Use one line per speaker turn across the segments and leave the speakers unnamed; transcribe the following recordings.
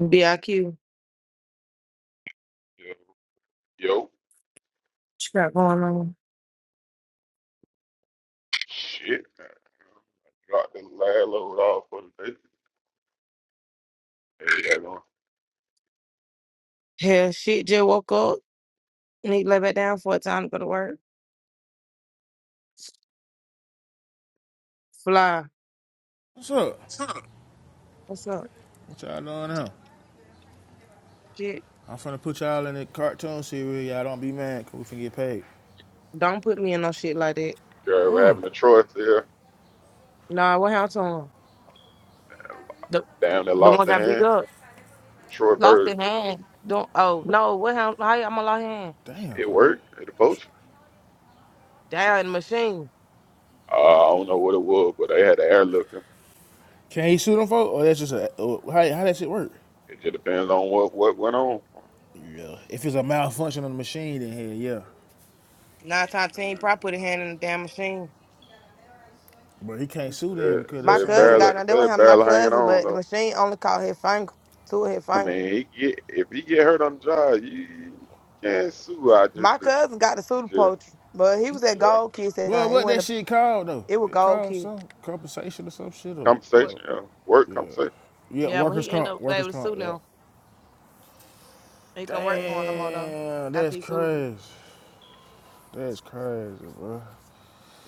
BIQ.
Yo, yo,
She got going on.
shit. Got the lad load off for the day. There you got going.
Hell, shit, just woke up. Need to lay back down for a time to go to work. Fly.
What's up?
What's up? What's up?
What y'all doing now?
Shit.
I'm finna put y'all in the cartoon series. Y'all don't be mad, cause we finna get paid.
Don't put me in no shit like that.
You're ever
Mm.
having a Troy there
Nah, what happened to him? The,
down that
the
lost
one
the
got beat
hand.
up.
Troy
Lost
Bird,
his hand. Don't, oh, no, what happened? How I'm going to lost hand?
Damn,
it
for real?
worked at the poach.
Down in the machine.
Uh, I don't know what it was, but they had to airlift him.
Can he sue them folk? Or that's just a, or how, how that shit work?
It just depends on what what went on.
Yeah. If it's a malfunction of the machine, then hell yeah.
Nine times ten,
Man,
probably put a hand in the damn machine.
But he can't sue
Said,
them because
My
that's
said
something he
cousin
barely,
got
did.
now. That was
said
handling my
barely hanging
cousin,
on
but the
though.
machine only caught his finger, two of his
I
finger.
mean, he get if he get hurt on the job, you can't sue. I just,
My cousin got the pseudo
just
poetry, but he was at
yeah,
Gold Kiss. It
Well, what
wasn't
that shit called though?
It was
It
gold
called
kid.
some compensation or some shit or,
But
or
compensation, yeah, work compensation.
yeah,
yeah, but
workers
he ended
comp,
up was
workers
able to
comp.
sue
Yeah.
them. He couldn't work for him no more though.
Damn,
After
that's
he sued him.
crazy. That's crazy, bro.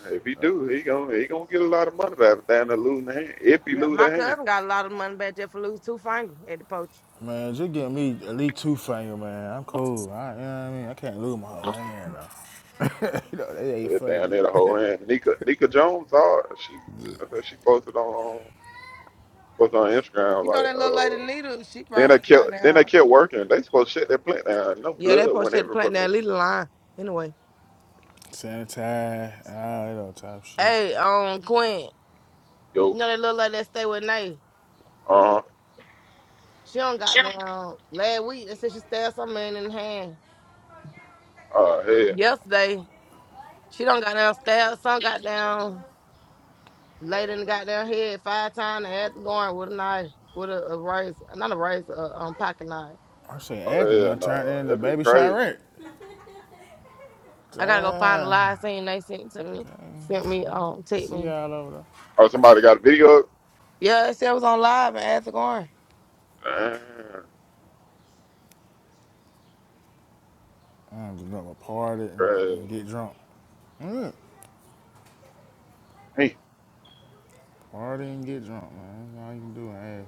If he do, he gonna he gonna get a lot of money back down there losing the hand. If he
Yeah,
lose the
my
hand,
cousin got a lot of money back there for losing two fingers at the poach.
Man, just give me at least two finger, man. I'm cool. I, you know what I mean? I can't lose my whole hand, though. you know, they ain't
But
funny,
down there
but
the whole hand. Nika Nika Jones, all she I think she posted on posted on Instagram
You know
like
that little lady
uh.
Nita, she
Then they
probably got
kept then they
down.
kept working. They supposed to shut that plant down. No
Yeah, that
blood
poach
went
had to
every
plant
fucking way.
that little line. Anyway.
sanitize, all that old type of shit.
Hey, um Quinn. You
Yo,
know that little lady that stay with Nate.
uh,
She don't got down last week. They said she stabbed some man in the hand.
uh, hell,
Yesterday, she don't got down stabbed, some got down laid in the goddamn head five times and had to go in with a knife, with a, a razor, not a razor, a um, pocket knife.
I say acting
oh hell,
done turned
no,
into
that be
Baby
crazy.
Chirac.
I gotta go find the
Damn.
live scene they sent to me.
Okay.
Sent me, um, take
See
me.
y'all over there.
Oh, somebody got a video. up?
Yeah, it said it was on live and asked going.
Damn,
I'm just gonna party and,
crazy.
and get drunk. Yeah.
Hey,
Party and get drunk, man. That's all you can do. Hey,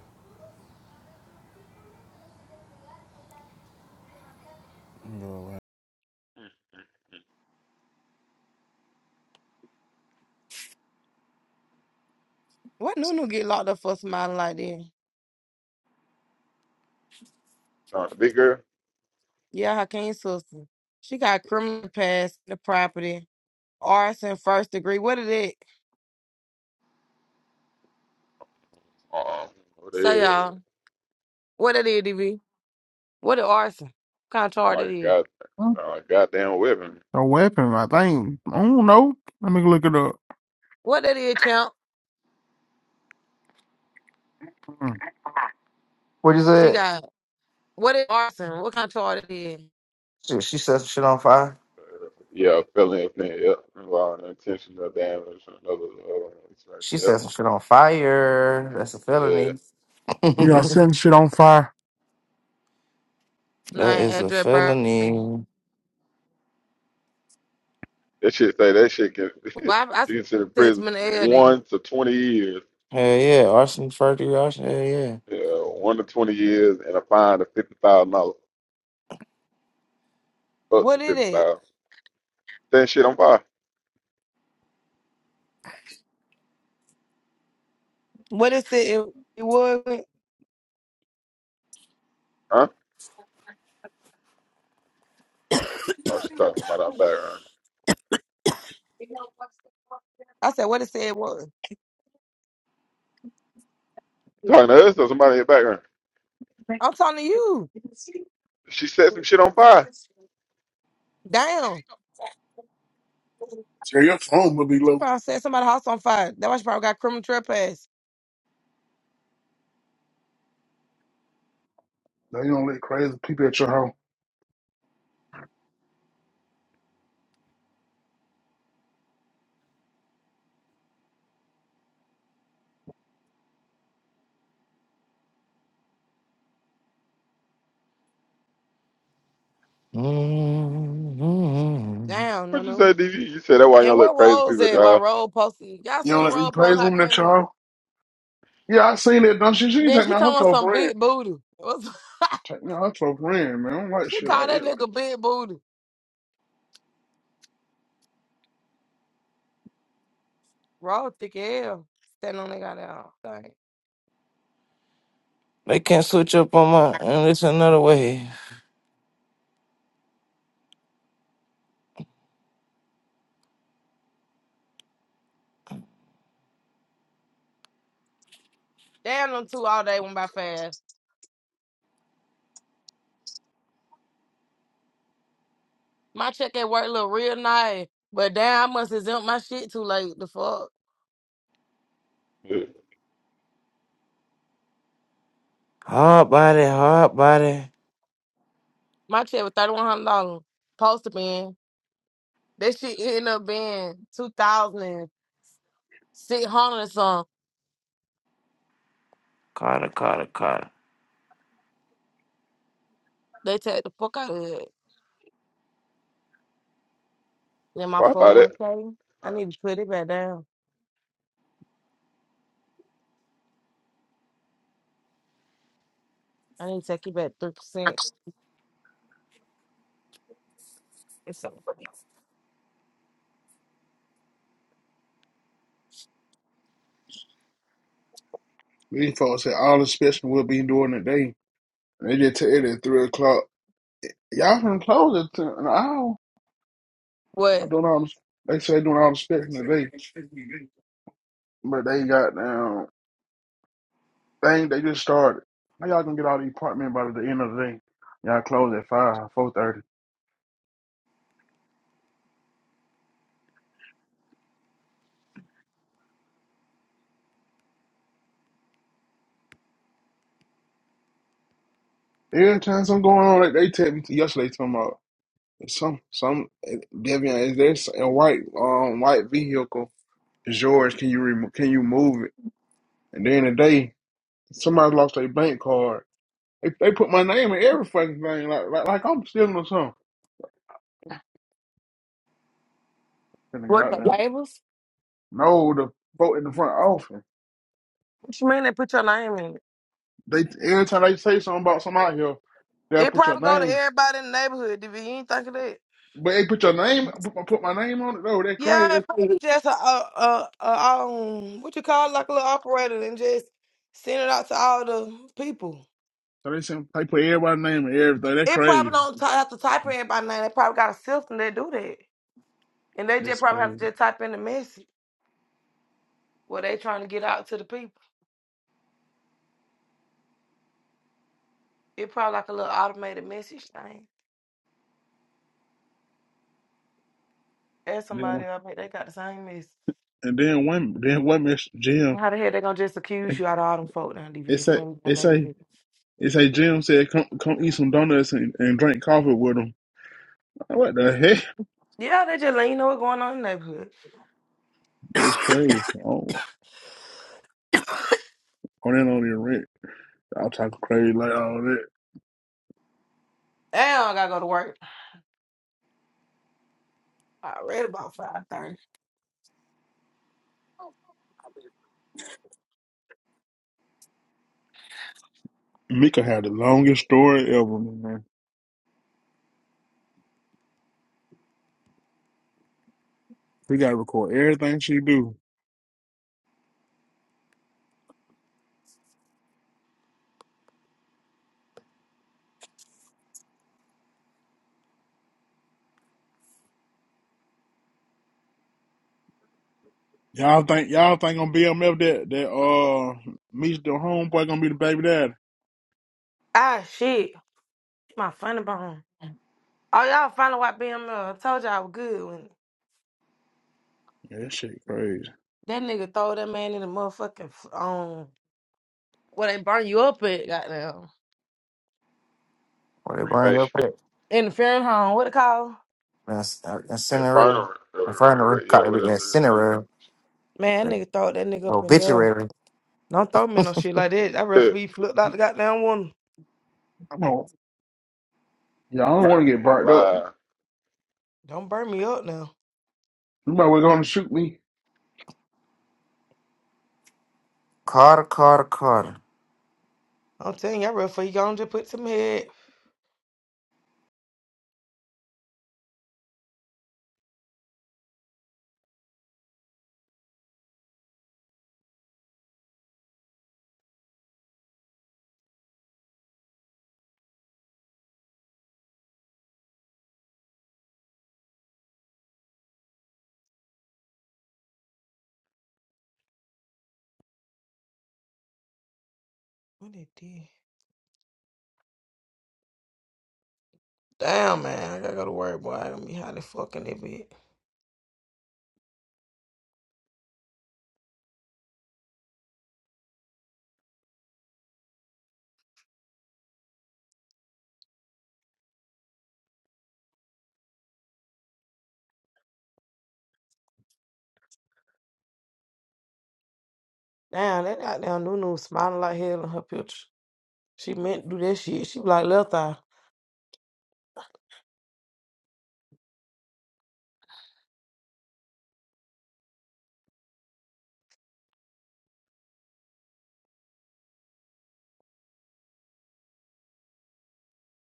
go away.
What Nunu get locked up for smiling like that?
no, the big girl.
Yeah, Hakeem's sister. She got criminal past the property, arson first degree. What is it?
Um, what the
Say
hell? that is?
y'all, what it is, DB? What is arson? What kind of
Sound
charge
like
it
a
is?
god.
A
Sound like a goddamn weapon.
weapon, I think. I don't know. Let me look it up.
What it is, champ?
Mm.
What'd you
She
say?
got what is arson? What kind of charge it is?
Shit, she set some shit on fire.
Yeah, felony offense. Yep, involving intentional damage and another. Uh, it's like,
She
yep,
set some shit on fire. That's a
yeah.
felony.
Yeah,
that
setting shit on fire.
Nine
is a
address burn. Well,
felony.
That shit say that shit can
I, I
you can sit in
said to
prison
my elder,
from
then,
one to twenty years.
Hell yeah. Arson, forgery, arson. Hell yeah.
Yeah, one to twenty years and a fine of fifty thousand dollars, up to
what is
fifty
it?
thousand. That shit on fire,
What is it? It, it was.
huh? Oh, she's talking about our background.
I said, what is it It was.
Talking to us or somebody in the background.
I'm talking to you.
She set some shit on fire.
Damn.
Tell your phone will be
She
low.
probably said somebody's house on fire. That why she probably got criminal trespass.
Now you don't let crazy people at your house.
hmm
Damn, no,
What you say,
no.
DV? You said that why
And
y'all
what
let crazy
role's
people at
at?
your
Why
house?
roll posted? Y'all
You
seen
don't
what
let these
roll post?
crazy
How
women
can
at your
we?
house. Yeah, I seen that dumb shit. She can
Then
take
she
me out her
talking about
close
some
friend.
big booty. What's-
Take me out her close friend, man. I don't like
she
shit like
called that
that. Like
nigga big booty. Roll thick as hell. Standing on that goddamn thing.
They can't switch up on my. And it's another way.
Damn, them two all day went by fast. My check at work look real nice, but damn, I must exempt my shit too late. The fuck,
Yeah.
Hard body, hard body.
my check was thirty one hundred dollars. Supposed to be that shit ended up being two thousand six hundred or something.
Carter, Carter, Carter.
They take the fuck out of it. Then my
Well, I
four oh
thought
one
that
k, I need to put it back down. I need to take it back three percent. So
these folks said all the specimen will be doing today. They just tell it at three o'clock. Y'all can close at ten an hour. I
what?
don't know. They say doing all the specimen today. But they got down. Thing they just started. How y'all gonna get out of the apartment by the end of the day? Y'all close at five, four thirty. Every time something going on, like they tell me yesterday, talking about some some Devian, is there s- a white um white vehicle? George, Can you remo can you move it? And then today, somebody lost their bank card. They, they put my name in every fucking thing, like like, like I'm stealing or something. Then they go
What
out
the
there.
labels?
No, the vote in the front office.
What you mean they put your name in it?
They every time they say something about somebody here, they'll
It
put your
probably go to
name.
everybody in the neighborhood. Did you ain't think of that?
But they put your name, put my, put my name on it though. That
Yeah, if
crazy.
I was just a, a, a, a um, what you call it, like a little operator, and just send it out to all the people.
So they sent, they put everybody's name and everything. That
It probably
crazy.
don't t- have to type in by name. They probably got a system that do that, and they just
That's
probably have to
crazy.
just type in the message what they trying to get out to the people. It probably like a little automated message thing. Ask
Then
somebody,
one-
I bet they got the same message.
and then women, then women, Jim.
How the hell they gonna just accuse
It
you out of all them folk down
it
DV
say,
in the
it say,
neighborhood?
it say. Jim said, "Come, come eat some donuts and, and drink coffee with them." What the heck?
Yeah, they just let you know what's going on in the neighborhood.
That's crazy. Oh, on that on your rent. I'll talk crazy like all that.
And I gotta go to work. I read about five thirty.
Mika had the longest story ever, man. We gotta record everything she do. Y'all think y'all think on BMF that that uh meets the homeboy gonna be the baby daddy?
Ah shit. My funny bone. Oh, y'all finally watched BML. I told y'all I was good when
Yeah, that shit crazy.
that nigga throw that man in the motherfucking f- um where they burn you up at, goddamn.
What they bring up
cremation,
here?
In the funeral home, what it called?
That's uh,
infernal.
incinerator.
uh, uh,
Infernal.
what- Yeah,
Carter,
what else?
incinerator.
Man, that nigga throw that nigga up in there.
Obituary.
Don't throw me no shit like that. I rather
Burn
be flipped out the goddamn one.
Come on. Y'all don't want to
that
get
nigga
burnt up.
alive.
Don't burn me up now.
You might well going to shoot me.
Carter, Carter, Carter.
I'm telling you, I rather for you gonna just put some head. What it did? Damn, man, I gotta go to work, boy. I gonna be how the fucking that bitch. Damn, that goddamn new smiling like hell in her picture. She meant to do that shit. She was like left eye.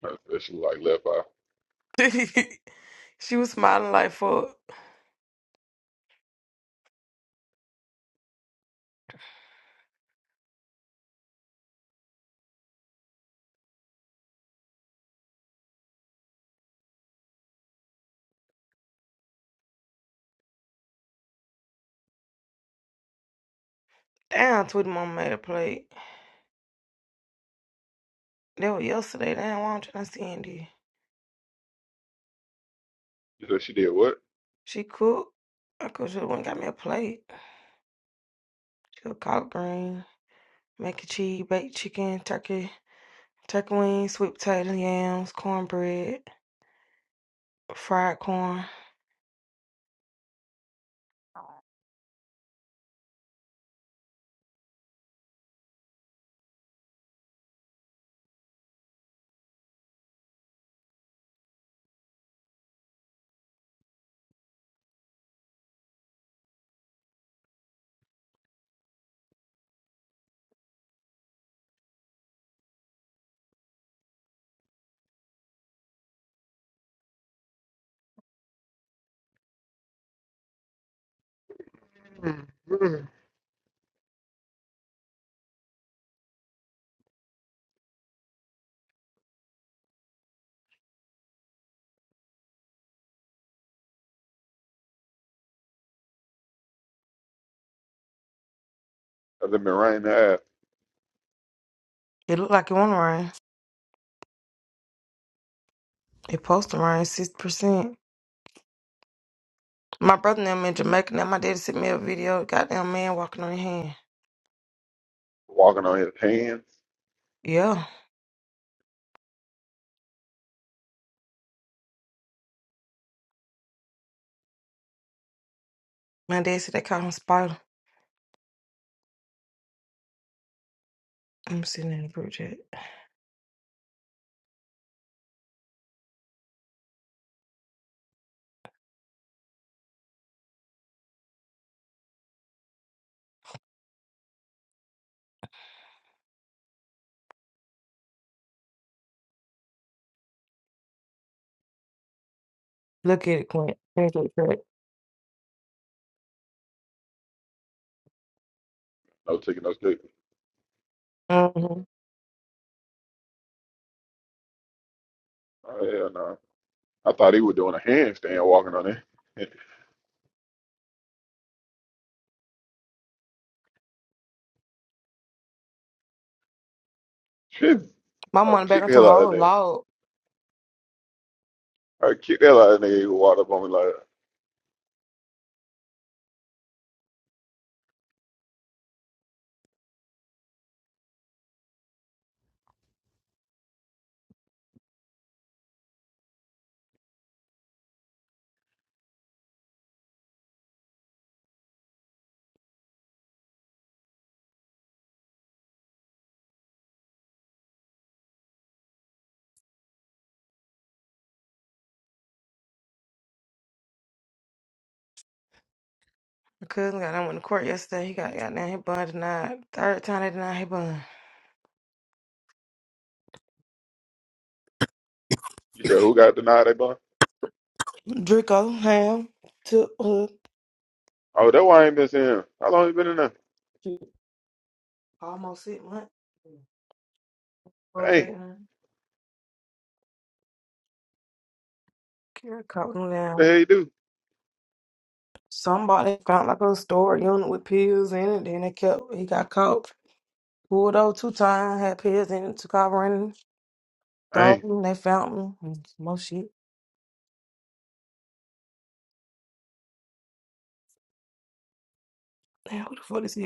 I said she was like left eye.
she was smiling like fuck. Damn, Tweety Mama made a plate. That was yesterday. Damn, why don't you not see Andy?
She said she did what?
She cooked. I could should have went and got me a plate. She cooked collard green, mac and cheese, baked chicken, turkey, turkey wings, sweet potato, yams, cornbread, fried corn.
Mhm. I said Mariah ass
It looked like it won't rain. It supposed to rain six percent. My brother and them in Jamaica now my daddy sent me a video, goddamn man walking on his hand.
walking on his hands.
Yeah. My dad said they caught him spider. I'm sitting in the group chat. Look at it, Clint. Look at it, Clint.
No taking no stick.
Mm-hmm.
Oh hell no. I thought he was doing a handstand walking on it. Shit.
My
I would
money back
kick
on
the hell out
tomorrow.
of
Oh,
that nigga.
Lord.
I would kick the hell out of that nigga who walked up on me like
My cousin got that in the court yesterday. He got got down his bun denied. Third time they denied his bun.
you said who got denied that bun?
Draco, Ham, took hood.
Oh that's why I ain't been seeing him. How long you been in there?
shoot, Almost six months.
Hey,
OJ, uh, Kara caught him
what the
down.
hell you do?
Somebody found like a storage unit with pills in it. Then they kept, he got caught. Pulled over two times, had pills in it, took off running,
Dang,
throw him, they found him. and more shit. Damn, who the fuck is he?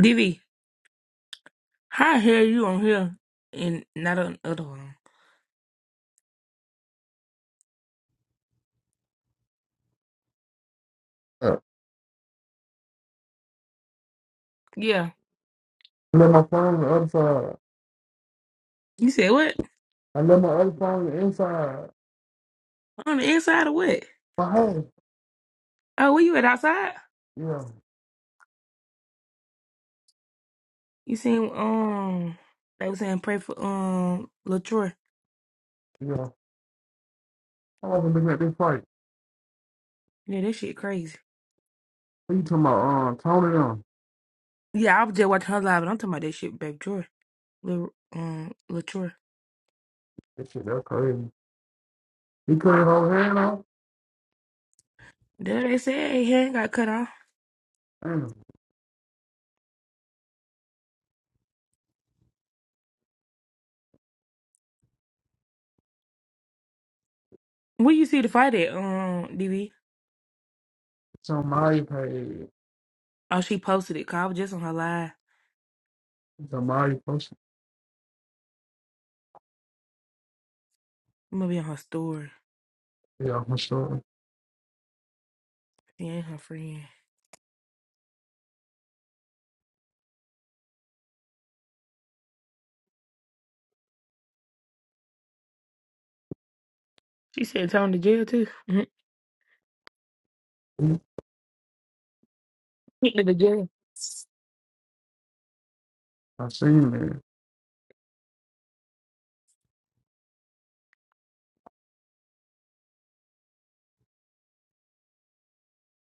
DV, how the hell you on here and not on the other one?
up.
Yeah.
I left my phone on the other side.
You said what?
I left my other phone on the inside.
On the inside or what?
My hand.
Oh, where you at outside?
Yeah,
You seen um they was saying pray for um Latroy.
yeah. I wasn't looking at this fight.
Yeah, that shit crazy.
What you talking about? Um, Tony them.
Yeah, I was just watching her live and I'm talking about that shit back Troy. Lil um Latroy.
That shit, that's crazy. He couldn't hold hand off.
There they said hey, hand got cut off.
Damn.
Where you see the fight at, um, DV?
It's on my page.
Oh, she posted it, 'cause I was just on her live. It
It's on my post.
must be on her story.
Yeah, for sure.
She ain't her friend. She said it's on the jail too.
I
Mm-hmm. The jail.
seen it.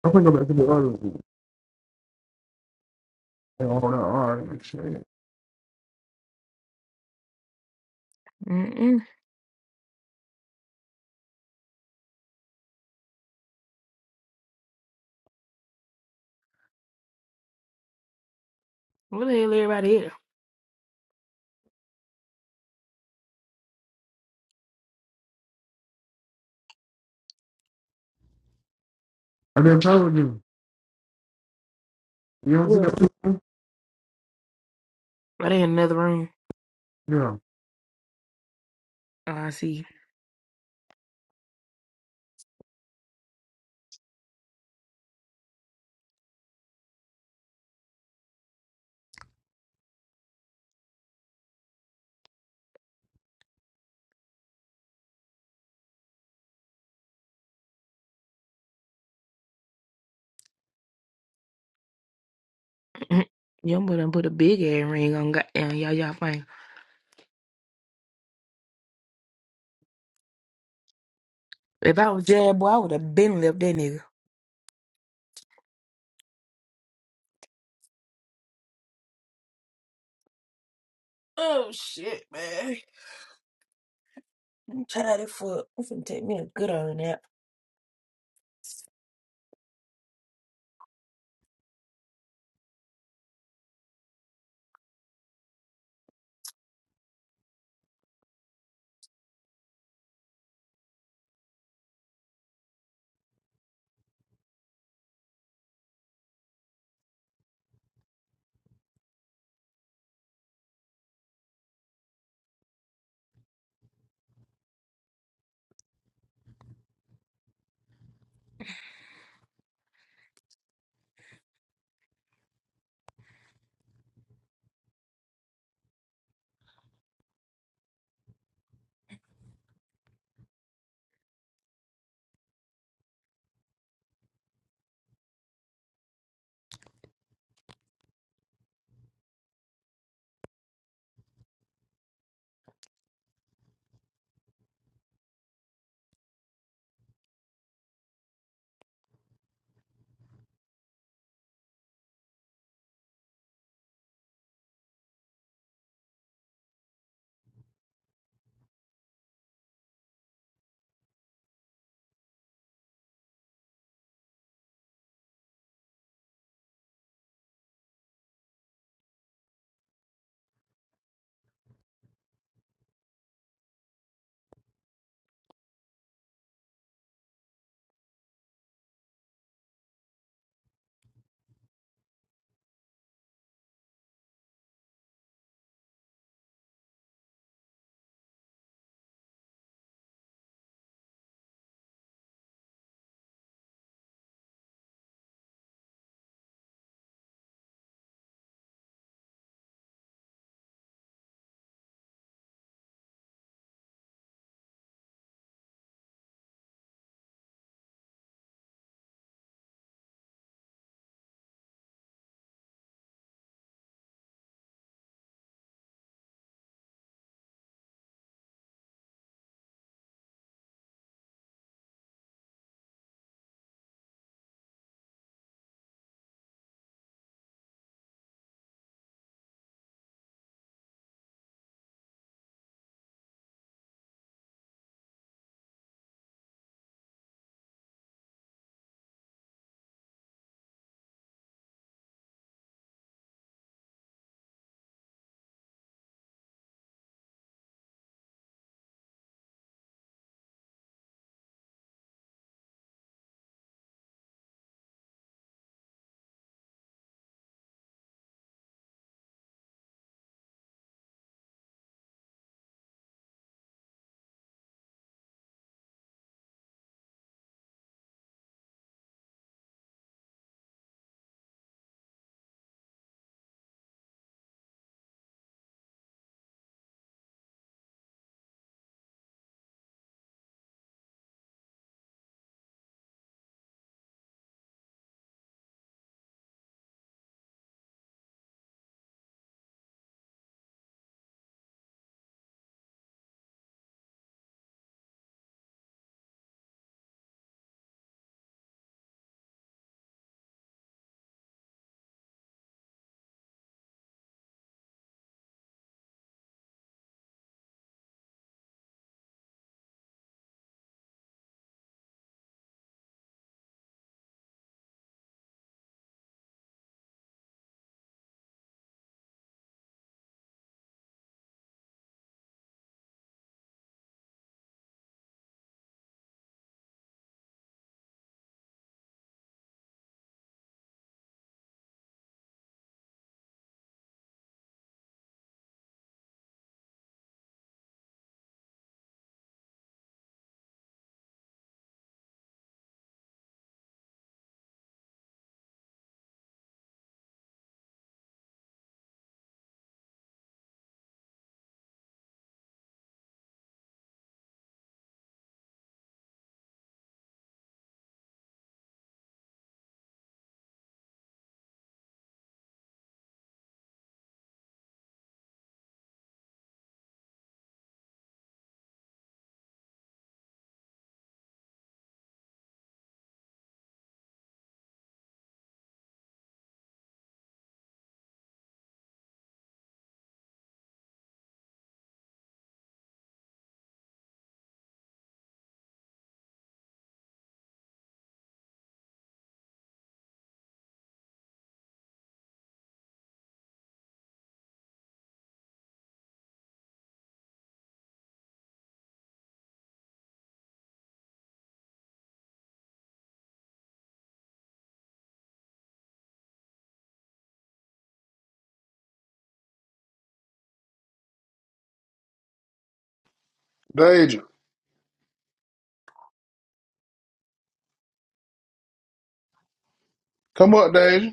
I think I'm back to the other one. And all that art and shit.
Mm-mm. Where the hell everybody at?
I didn't tell you. You don't see
Well,
that picture?
are they in another room?
Yeah.
Oh, I see. Young boy done put a big ass ring on goddamn y'all y'all thing. If I was Jad boy, I would have been left that nigga. I'm tired up.
Deja. Come up, Deja.